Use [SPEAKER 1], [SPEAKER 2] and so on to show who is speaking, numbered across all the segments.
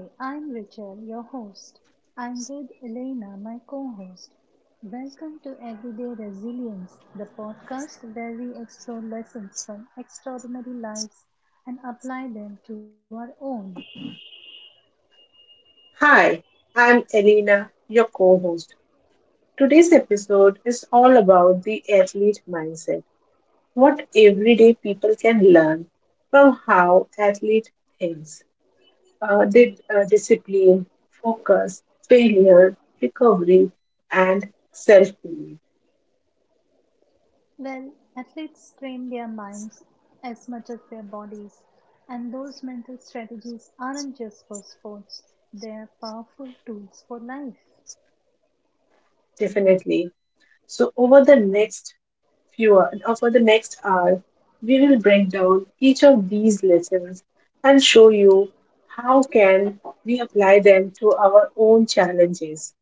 [SPEAKER 1] Hi, I'm Rachel, your host. I'm with Elena, my co host. Welcome to Everyday Resilience, the podcast where we explore lessons from extraordinary lives and apply them to our own.
[SPEAKER 2] Hi, I'm Elena, your co host. Today's episode is all about the athlete mindset, what everyday people can learn from how athlete thinks, discipline, focus, failure, recovery, and self belief.
[SPEAKER 1] Well, athletes train their minds as much as their bodies, and those mental strategies aren't just for sports, they are powerful tools for life.
[SPEAKER 2] Definitely. So, over the next fewer for the next hour, we will break down each of these lessons and show you how can we apply them to our own challenges.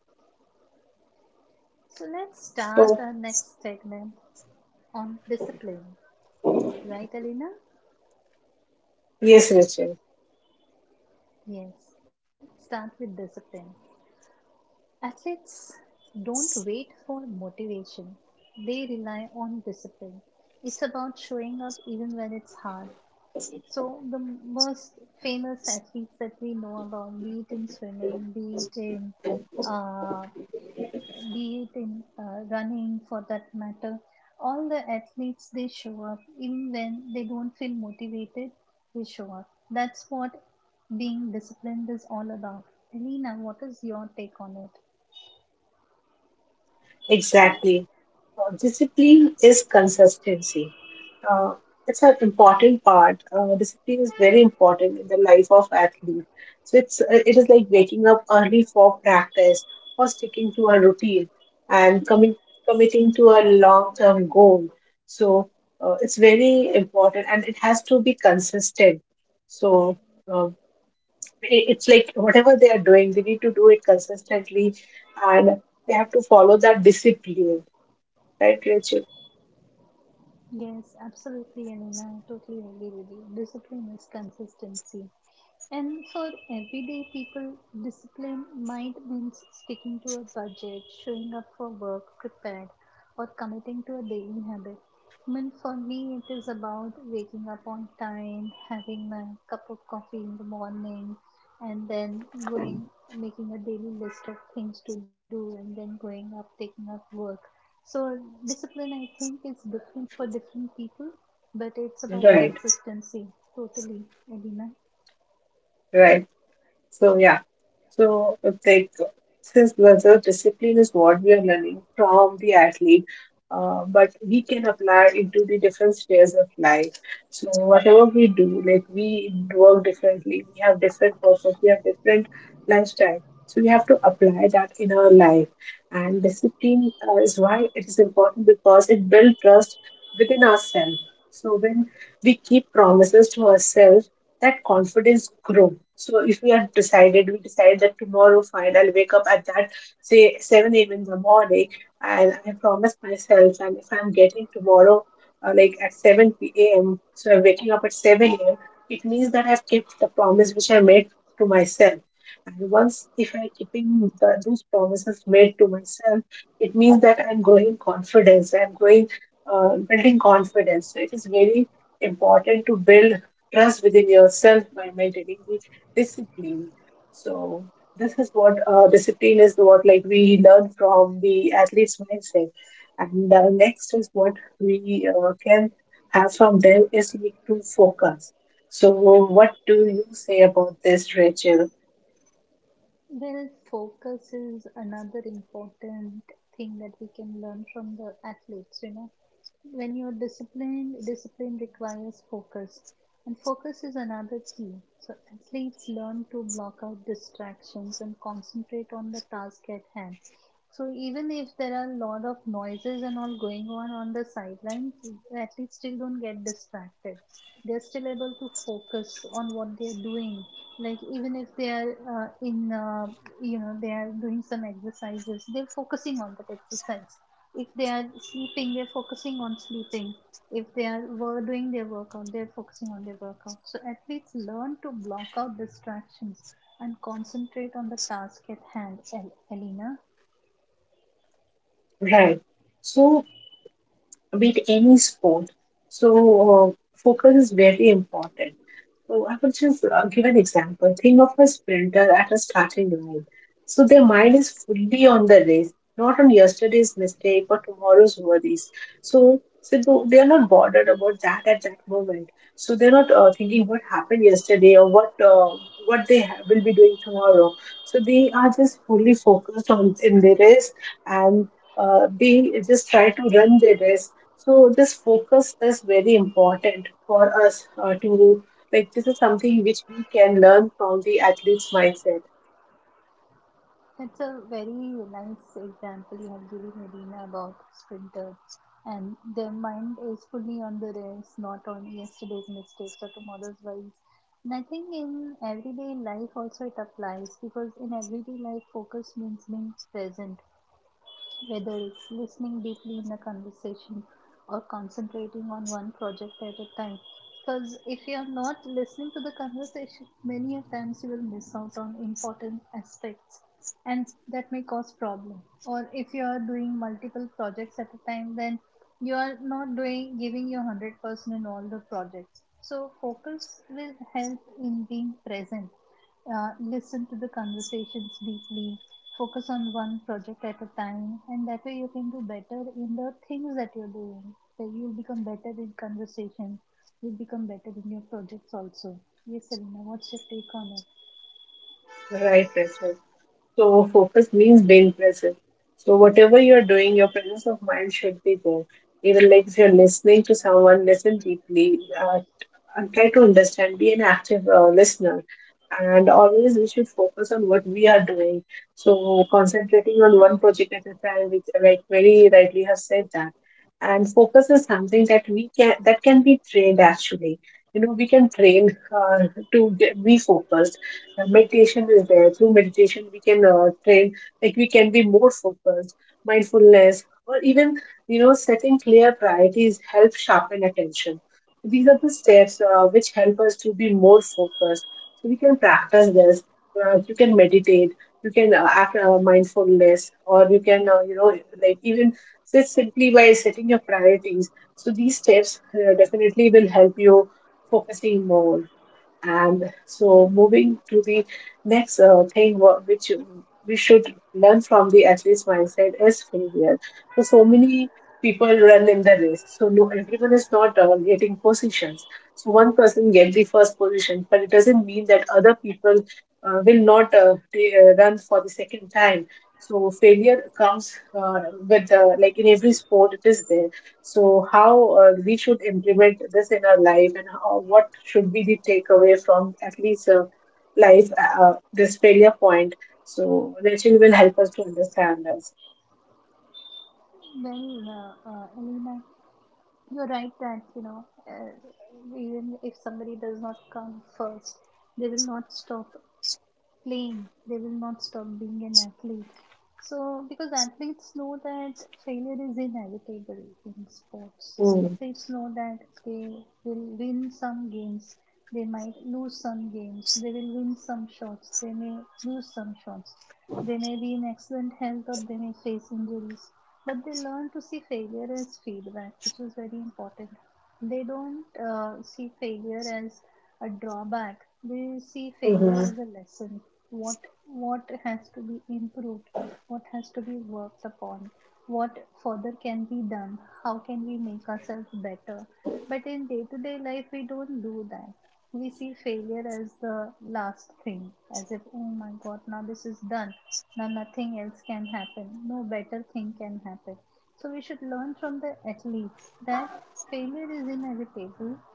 [SPEAKER 1] So let's
[SPEAKER 2] So,
[SPEAKER 1] start our next segment on discipline. Right, Alina?
[SPEAKER 2] yes, Rachel,
[SPEAKER 1] Yes, start with discipline. Athletes don't wait for motivation, they rely on discipline. It's about showing up even when it's hard. So, the most famous athletes that we know about, be it in swimming, uh, be it in running for that matter. All the athletes, they show up. Even when they don't feel motivated, they show up. That's what being disciplined is all about. Alina, what is your take on it?
[SPEAKER 2] exactly. Discipline is consistency. Uh, it's an important part. Discipline is very important in the life of athlete. So it is like waking up early for practice or sticking to a routine and coming committing to a long term goal. So it's very important and it has to be consistent. So uh, it's like whatever they are doing, they need to do it consistently and they have to follow that discipline. Right, Rachel?
[SPEAKER 1] Yes, absolutely, Alina. I totally agree with you. Discipline is consistency. And for everyday people, discipline might mean sticking to a budget, showing up for work prepared, or committing to a daily habit. I mean, for me, it is about waking up on time, having my cup of coffee in the morning, and then going, making a daily list of things to do, and then going up, taking up work. So, discipline, I think, is different for different people, but it's about
[SPEAKER 2] Right,
[SPEAKER 1] consistency, totally, Elena.
[SPEAKER 2] right. So yeah, so it's like since whether discipline is what we are learning from the athlete, but we can apply into the different spheres of life. So whatever we do, like we work differently, we have different purpose, we have different lifestyle. So we have to apply that in our life, and discipline is why it is important because it builds trust within ourselves. So when we keep promises to ourselves that confidence grow. So if we decide that tomorrow fine, I'll wake up at that say seven a.m. in the morning, and I promise myself, and if I'm getting tomorrow like at seven p.m., so I'm waking up at seven a.m. It means that I've kept the promise which I made to myself. And once if I'm keeping those promises made to myself, it means that I'm growing confidence. I'm growing, building confidence. So it is very important to build trust within yourself by maintaining the discipline. So this is what discipline is. What like we learn from the athlete's mindset, and next is what we can have from them is like to focus. So what do you say about this, Rachel?
[SPEAKER 1] Well, focus is another important thing that we can learn from the athletes, you know. When you're disciplined, discipline requires focus, and focus is another key. So, athletes learn to block out distractions and concentrate on the task at hand. So, even if there are a lot of noises and all going on the sidelines, athletes still don't get distracted. They're still able to focus on what they're doing. Like, even if they are you know, they are doing some exercises, they're focusing on that exercise if they are sleeping, they're focusing on sleeping, if they are doing their workout, they're focusing on their workout. So athletes learn to block out distractions and concentrate on the task at hand, Elena.
[SPEAKER 2] Right. So with any sport, so uh, focus is very important. So I will just give an example. Think of a sprinter at a starting line. So their mind is fully on the race, not on yesterday's mistake or tomorrow's worries. So, they are not bothered about that at that moment. So they're not thinking what happened yesterday or will be doing tomorrow. So they are just fully focused on in their race and they just try to run their race. So this focus is very important for us to like this is something which we can learn from the athlete's mindset.
[SPEAKER 1] That's a very nice example you have given, Elena, about sprinter and their mind is fully on the race, not on yesterday's mistakes or tomorrow's worries. And I think in everyday life also it applies, because in everyday life focus means being present. Whether it's listening deeply in a conversation or concentrating on one project at a time. Because if you are not listening to the conversation, many a times you will miss out on important aspects, and that may cause problem. Or if you are doing multiple projects at a time, then you are not doing giving your 100% in all the projects. So focus will help in being present, listen to the conversations deeply, focus on one project at a time, and that way you can do better in the things that you're doing. So you'll become better in conversation. You'll become better in your projects also. Yes, Elena, what's your take on it?
[SPEAKER 2] Right, Rachel. So focus means being present. So whatever you're doing, your presence of mind should be there. Even like if you're listening to someone, listen deeply. I'm trying to understand, be an active listener. And always we should focus on what we are doing. So concentrating on one project at a time, which like very rightly have said that. And focus is something that we can that can be trained actually. You know, we can train to get, be focused. Meditation is there. Through meditation, we can train like we can be more focused. Mindfulness, or even setting clear priorities help sharpen attention. These are the steps which help us to be more focused. So we can practice this. You can meditate. You can act mindfulness, or you can, like even just simply by setting your priorities. So these steps definitely will help you focusing more. And so, moving to the next thing, which we should learn from the athlete's mindset is failure. So, so many people run in the race. So, no, everyone is not getting positions. So, one person get the first position, but it doesn't mean that other people will not run for the second time. So, failure comes with like in every sport, it is there. So, how we should implement this in our life, and how, what should be the takeaway from at least life, this failure point. So, Rachel will help us to understand this.
[SPEAKER 1] Well, Elena, you're right that, you know, even if somebody does not come first, they will not stop playing, they will not stop being an athlete. So because athletes know that failure is inevitable in sports,
[SPEAKER 2] Hmm.
[SPEAKER 1] athletes know that they will win some games, they might lose some games, they will win some shots, they may lose some shots, they may be in excellent health or they may face injuries, but they learn to see failure as feedback, which is very important. They don't see failure as a drawback, they see
[SPEAKER 2] Mm-hmm.
[SPEAKER 1] failure as a lesson. what what has to be improved, what has to be worked upon, what further can be done, how can we make ourselves better? But in day to day life we don't do that. We see failure as the last thing, as if oh my god, now this is done, now nothing else can happen, no better thing can happen. So we should learn from the athletes that failure is inevitable.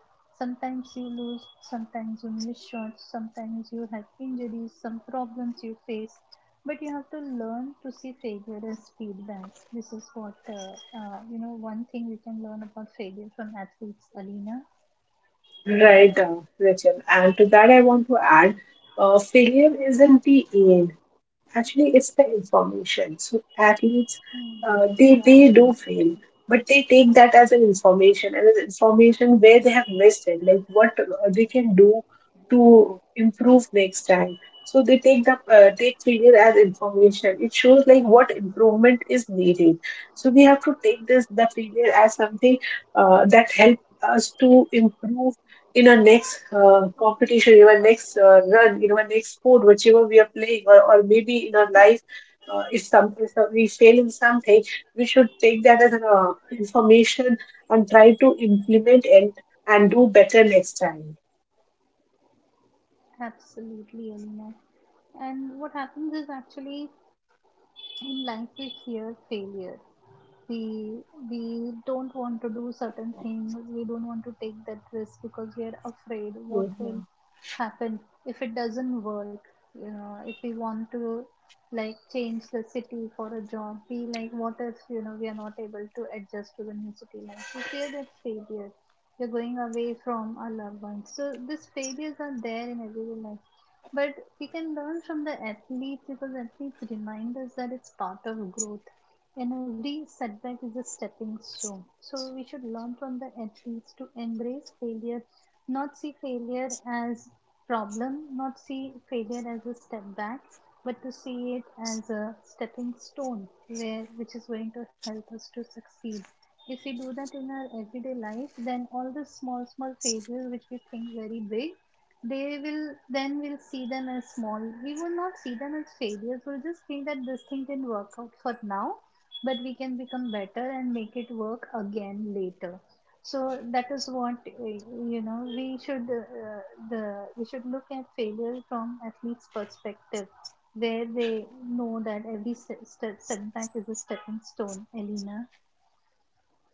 [SPEAKER 1] Sometimes you lose, sometimes you miss shots, sometimes you have injuries, some problems you face, but you have to learn to see failure as feedback. This is what, you know, one thing we can learn about failure from athletes, Alina.
[SPEAKER 2] Right, Rachel. And to that, I want to add failure isn't the end. Actually, it's the information. So athletes,
[SPEAKER 1] Hmm.
[SPEAKER 2] they do
[SPEAKER 1] Right.
[SPEAKER 2] fail, but they take that as an information and as information where they have missed it, like what they can do to improve next time. So they take the take failure as information. It shows like what improvement is needed. So we have to take this the failure as something that helps us to improve in our next competition, in our next run, in our next sport, whichever we are playing, or maybe in our life, if some if we fail in something, we should take that as an information and try to implement it and do better next time.
[SPEAKER 1] Absolutely, Alina. And what happens is actually in life we fear failure. we we don't want to do certain things, we don't want to take that risk because we are afraid what
[SPEAKER 2] Mhm.
[SPEAKER 1] will happen if it doesn't work. You know, if we want to like change the city for a job, we like what if, you know, we are not able to adjust to the new city life, we fear that failure, we're going away from our loved ones. So these failures are there in everyday life, but we can learn from the athletes because athletes remind us that it's part of growth and every setback is a stepping stone. So we should learn from the athletes to embrace failure, not see failure as problem, not see failure as a step back, but to see it as a stepping stone where which is going to help us to succeed. If we do that in our everyday life, then all the small small failures which we think very big, they will then we'll see them as small. We will not see them as failures. We'll just think that this thing didn't work out for now, but we can become better and make it work again later. So that is what you know we should the we should look at failure from athletes perspective, where they know that every step setback is a stepping stone, Elena.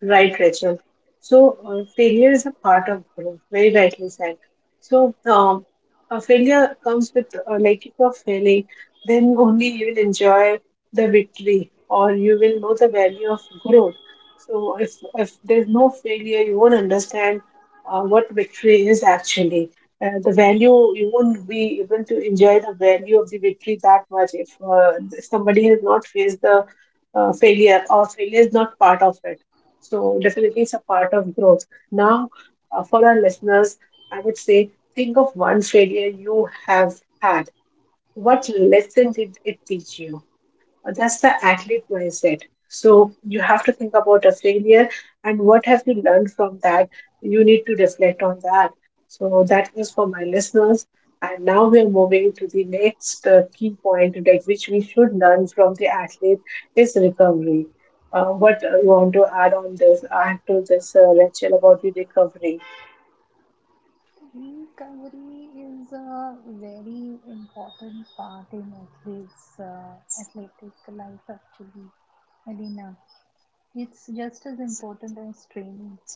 [SPEAKER 2] Right, Rachel. So, failure is a part of growth, very rightly said. So, a failure comes with, like, if you're failing, then only you will enjoy the victory or you will know the value of growth. So, if there's no failure, you won't understand what victory is actually. The value, you won't be able to enjoy the value of the victory that much if somebody has not faced the failure or failure is not part of it. So definitely it's a part of growth. Now, for our listeners, I would say think of one failure you have had. What lesson did it teach you? That's the athlete mindset. So you have to think about a failure and what have you learned from that. You need to reflect on that. So that is for my listeners. And now we are moving to the next key point, like which we should learn from the athlete is recovery. What you want to add on this? Add to this, Rachel, about the recovery.
[SPEAKER 1] Recovery is a very important part in athletes' athletic life, actually, Alina. It's just as important as training.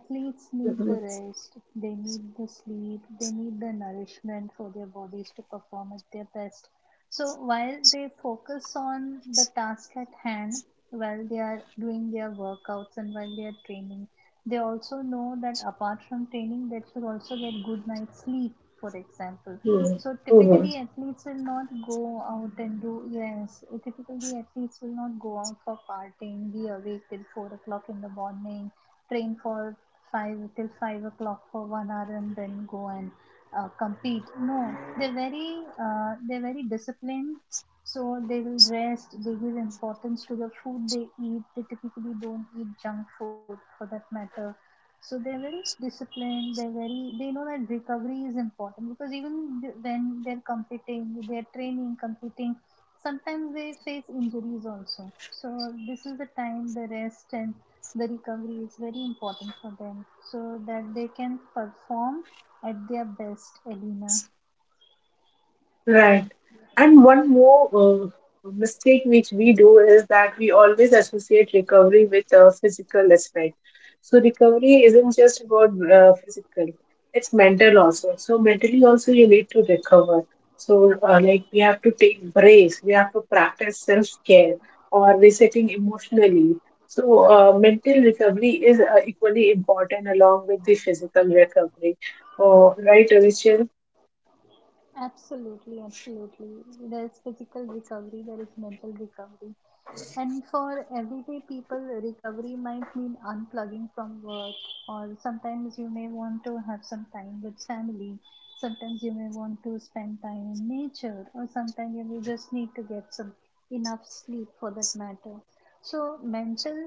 [SPEAKER 1] Athletes need
[SPEAKER 2] Mhm.
[SPEAKER 1] the rest, they need the sleep, they need the nourishment for their bodies to perform at their best. So while they focus on the task at hand, while they are doing their workouts and while they are training, they also know that apart from training, they should also get good night's sleep, for example. So
[SPEAKER 2] Mhm.
[SPEAKER 1] typically athletes will not go out and do yes. Typically athletes will not go out for partying, be awake till 4 o'clock in the morning, train for five till 5 o'clock for 1 hour and then go and compete. No, they're very disciplined. So they will rest. They give importance to the food they eat. They typically don't eat junk food for that matter, so they're very disciplined. They're very, they know that recovery is important because even when they're competing, they're training, competing. Sometimes they face injuries also. So this is the time the rest and the recovery is very important for them, so that they can perform at their best, Elena.
[SPEAKER 2] Right. And one more mistake which we do is that we always associate recovery with a physical aspect. So recovery isn't just about physical, it's mental also. So mentally also you need to recover. So like we have to take breaks, we have to practice self-care or resetting emotionally. So mental recovery is equally important along with the physical recovery. Oh, right, Rachel?
[SPEAKER 1] Absolutely, absolutely. There is physical recovery, there is mental recovery. And for everyday people, recovery might mean unplugging from work, or sometimes you may want to have some time with family, sometimes you may want to spend time in nature, or sometimes you may just need to get some enough sleep for that matter. So, mental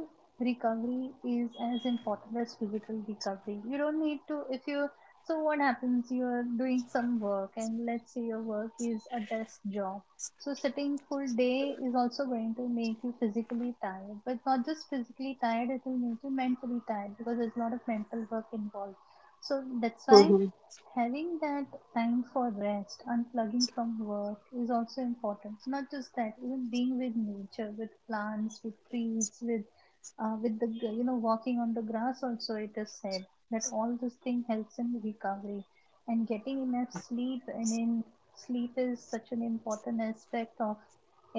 [SPEAKER 1] recovery is as important as physical recovery. You don't need to, if you, so what happens? You're doing some work, and let's say your work is a desk job, so sitting full day is also going to make you physically tired, but not just physically tired, it will make you mentally tired because there's a lot of mental work involved. So that's why
[SPEAKER 2] Hmm.
[SPEAKER 1] having that time for rest, unplugging from work is also important. Not just that, even being with nature, with plants, with trees, with the, you know, walking on the grass also, it is said that all this thing helps in recovery. And getting enough sleep, I mean, sleep is such an important aspect of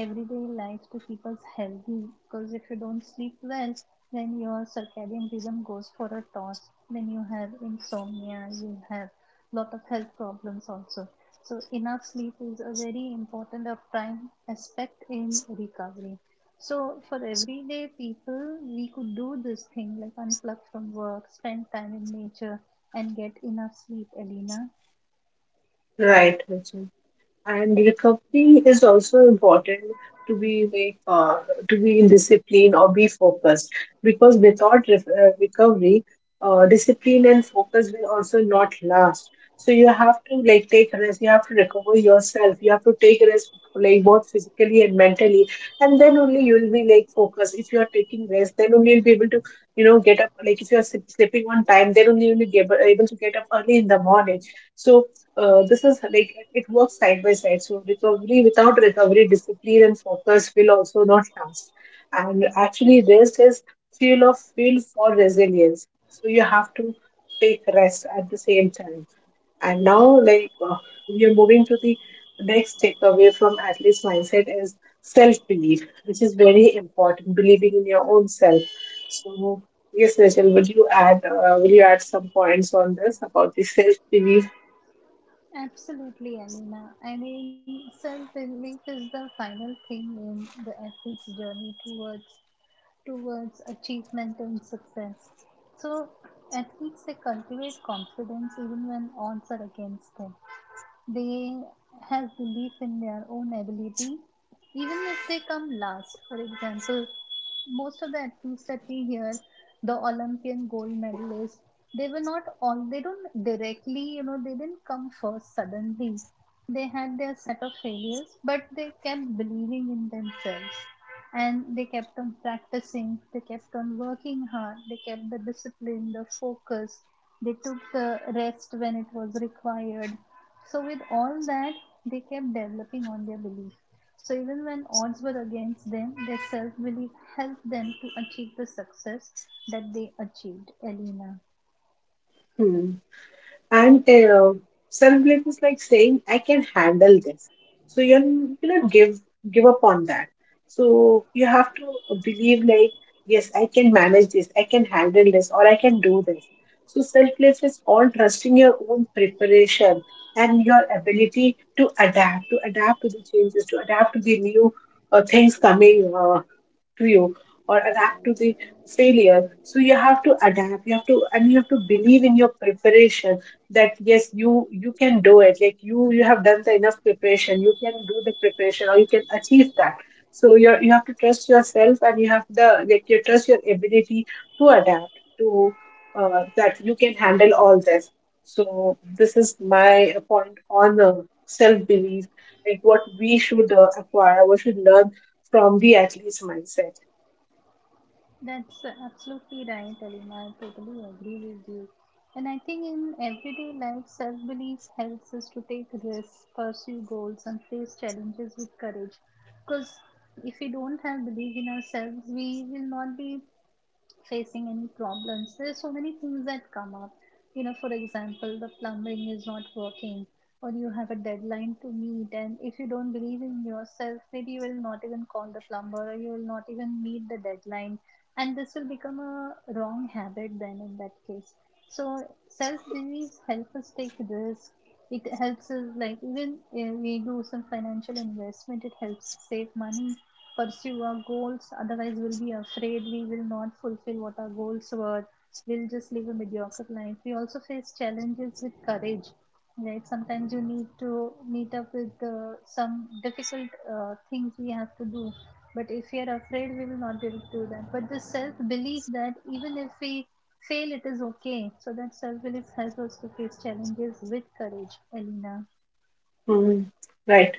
[SPEAKER 1] everyday life to keep us healthy, because if you don't sleep well, then your circadian rhythm goes for a toss, then you have insomnia, you have lot of health problems also. So enough sleep is a very important of prime aspect in recovery. So for everyday people we could do this thing like unplug from work, spend time in nature, and get enough sleep, Alina.
[SPEAKER 2] Right, Rachel. And recovery is also important to be like to be in discipline or be focused because without recovery, discipline and focus will also not last. So you have to like take rest. You have to recover yourself. You have to take rest like both physically and mentally, and then only you will be like focused. If you are taking rest, then only you'll be able to get up. Like if you are sleeping on time, then only you'll be able to get up early in the morning. So this is like it works side by side. So recovery without recovery, discipline and focus will also not last. And actually, rest is fuel for resilience. So you have to take rest at the same time. And now, like we are moving to the next takeaway from athlete's mindset is self belief, which is very important. Believing in your own self. So. Yes, Rachel, would you add will you add some points on this about the self belief?
[SPEAKER 1] Absolutely, Alina. I mean, self belief is the final thing in the athlete's journey towards towards achievement and success. So, athletes they cultivate confidence even when odds are against them. They have belief in their own ability, even if they come last. For example, most of the athletes that we hear, the Olympian gold medalists, they were not all, they don't directly, you know, they didn't come first suddenly. They had their set of failures, but they kept believing in themselves, and they kept on practicing, they kept on working hard, they kept the discipline, the focus, they took the rest when it was required. So, with all that, they kept developing on their belief. So, even when odds were against them, their self belief helped them to achieve the success that they achieved, Elena.
[SPEAKER 2] And self belief is like saying, I can handle this. So you cannot give up on that. So you have to believe like, yes, I can manage this, I can handle this, or I can do this. So self belief is all trusting your own preparation and your ability to adapt, to adapt to the changes, to adapt to the new things coming to you or adapt to the failure. So you have to adapt you have to and you have to believe in your preparation that yes you can do it like you have done the enough preparation, you can do the preparation or you can achieve that. So you have to trust yourself, and you have the like you trust your ability to adapt to that you can handle all this. So this is my point on self belief, like what we should acquire, what we should learn from the athlete's mindset.
[SPEAKER 1] That's absolutely right, Elena. I totally agree with you. And I think in everyday life, self belief helps us to take risks, pursue goals, and face challenges with courage. Because if we don't have belief in ourselves, we will not be facing any problems. There's so many things that come up. You know, for example, the plumbing is not working, or you have a deadline to meet, and if you don't believe in yourself, maybe you will not even call the plumber, or you will not even meet the deadline, and this will become a wrong habit then in that case. So self beliefs help us take risk. It helps us like even we do some financial investment. It helps us save money, pursue our goals. Otherwise, we'll be afraid we will not fulfill what our goals were. We'll just live a mediocre life. We also face challenges with courage, right? Sometimes you need to meet up with some difficult things we have to do. But if we are afraid, we will not be able to do that. But the self belief that even if we fail, it is okay. So that self belief helps us to face challenges with courage, Elena.
[SPEAKER 2] Mm, right.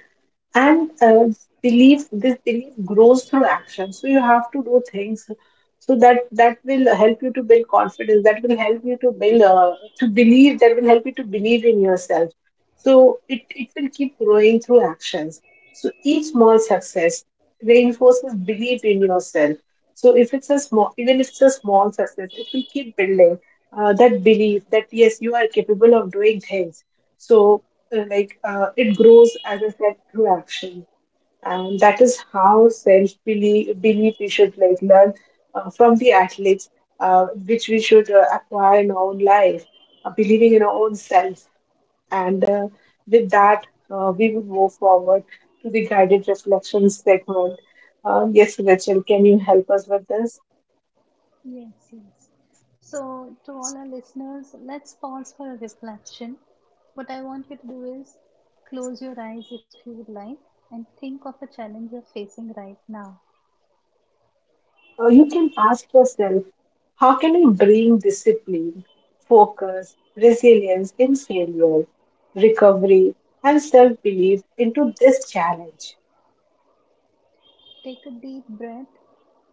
[SPEAKER 2] And belief, this belief grows through action. So you have to do things so that will help you to build confidence. That will help you to build to believe. That will help you to believe in yourself. So it will keep growing through actions. So each small success reinforces belief in yourself. So if it's a small, even if it's a small success, it will keep building that belief that yes, you are capable of doing things. So like it grows as I said through action, and that is how self belief we should like learn from the athletes, which we should acquire in our own life, believing in our own self, and with that we would move forward to the guided reflection segment. Yes, Rachel, can you help us with this?
[SPEAKER 1] Yes, yes. So, to all our listeners, let's pause for a reflection. What I want you to do is close your eyes if you would like and think of a challenge you're facing right now.
[SPEAKER 2] You can ask yourself how can I bring discipline, focus, resilience in failure, recovery, and self belief into this challenge?
[SPEAKER 1] Take a deep breath.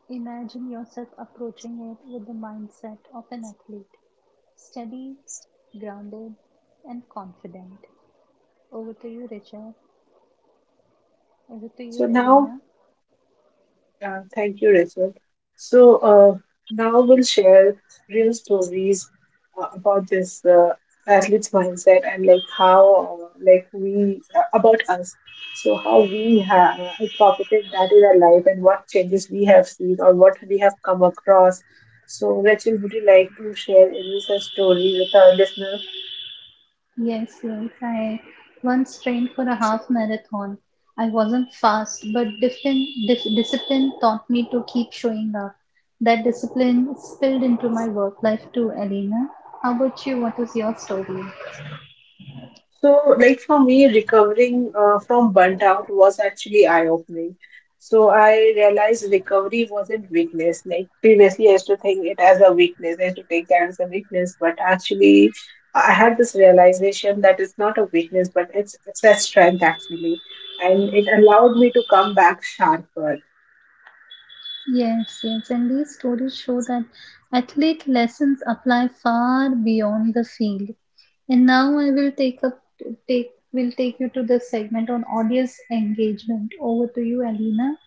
[SPEAKER 1] Imagine yourself approaching it with the mindset of an athlete, steady, grounded, and confident. Over to you, Richard. Over to
[SPEAKER 2] So
[SPEAKER 1] you,
[SPEAKER 2] now
[SPEAKER 1] Elena.
[SPEAKER 2] Thank you, Rachel. So now we'll share real stories about this athlete's mindset and like how like we about us. So how we have incorporated that in our life and what changes we have seen or what we have come across. So Rachel, would you like to share any such story with our listeners?
[SPEAKER 1] Yes, yes. I once trained for a half marathon. I wasn't fast, but discipline taught me to keep showing up. That discipline spilled into my work life too, Elena. How about you? What is your story?
[SPEAKER 2] So, like for me, recovering from burnt out was actually eye-opening. So I realized recovery wasn't weakness. Like previously, I used to think it as a weakness. I used to take that as a weakness, but actually, I had this realization that it's not a weakness, but it's a strength actually, and it allowed me to come back sharper.
[SPEAKER 1] Yes, yes. And these stories show that athlete lessons apply far beyond the field. And now I will take up take will take you to the segment on audience engagement. Over to you, Alina.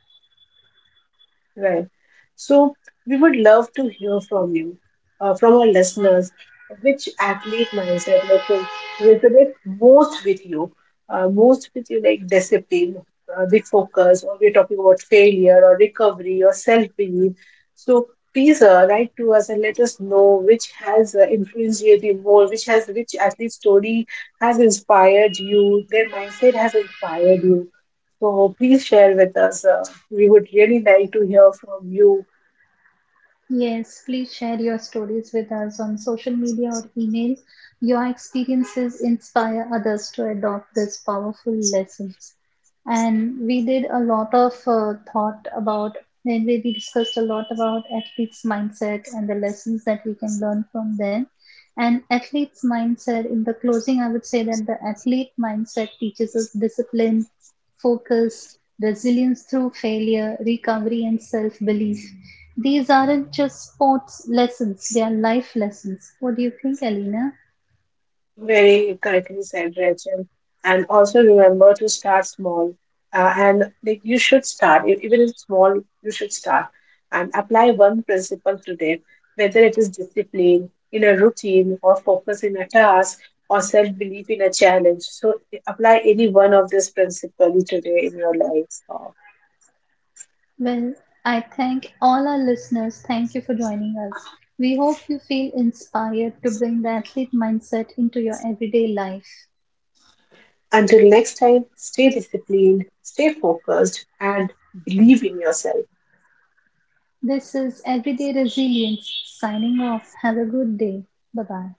[SPEAKER 2] Right. So we would love to hear from you, from our listeners, which athlete mindset like resonate most with you, like discipline, the focus, or we're talking about failure or recovery or self-belief. So please write to us and let us know which has influenced you the more, which athlete story has inspired you, their mindset has inspired you. So please share with us. We would really like to hear from you.
[SPEAKER 1] Yes, please share your stories with us on social media or email. Your experiences inspire others to adopt these powerful lessons. And we did a lot of thought about, then we discussed a lot about athletes' mindset and the lessons that we can learn from them. And athletes' mindset, in the closing, I would say that the athlete mindset teaches us discipline, focus, resilience through failure, recovery, and self belief. These aren't just sports lessons, they are life lessons. What do you think, Alina?
[SPEAKER 2] Very correctly said, Rachel. And also remember to start small. And like you should start, even if small, you should start and apply one principle today, whether it is discipline in a routine or focus in a task or self belief in a challenge. So apply any one of these principles today in your life.
[SPEAKER 1] Well, I thank all our listeners. Thank you for joining us. We hope you feel inspired to bring the athlete mindset into your everyday life.
[SPEAKER 2] Until next time, stay disciplined, stay focused, and believe in yourself.
[SPEAKER 1] This is Everyday Resilience signing off. Have a good day. Bye bye.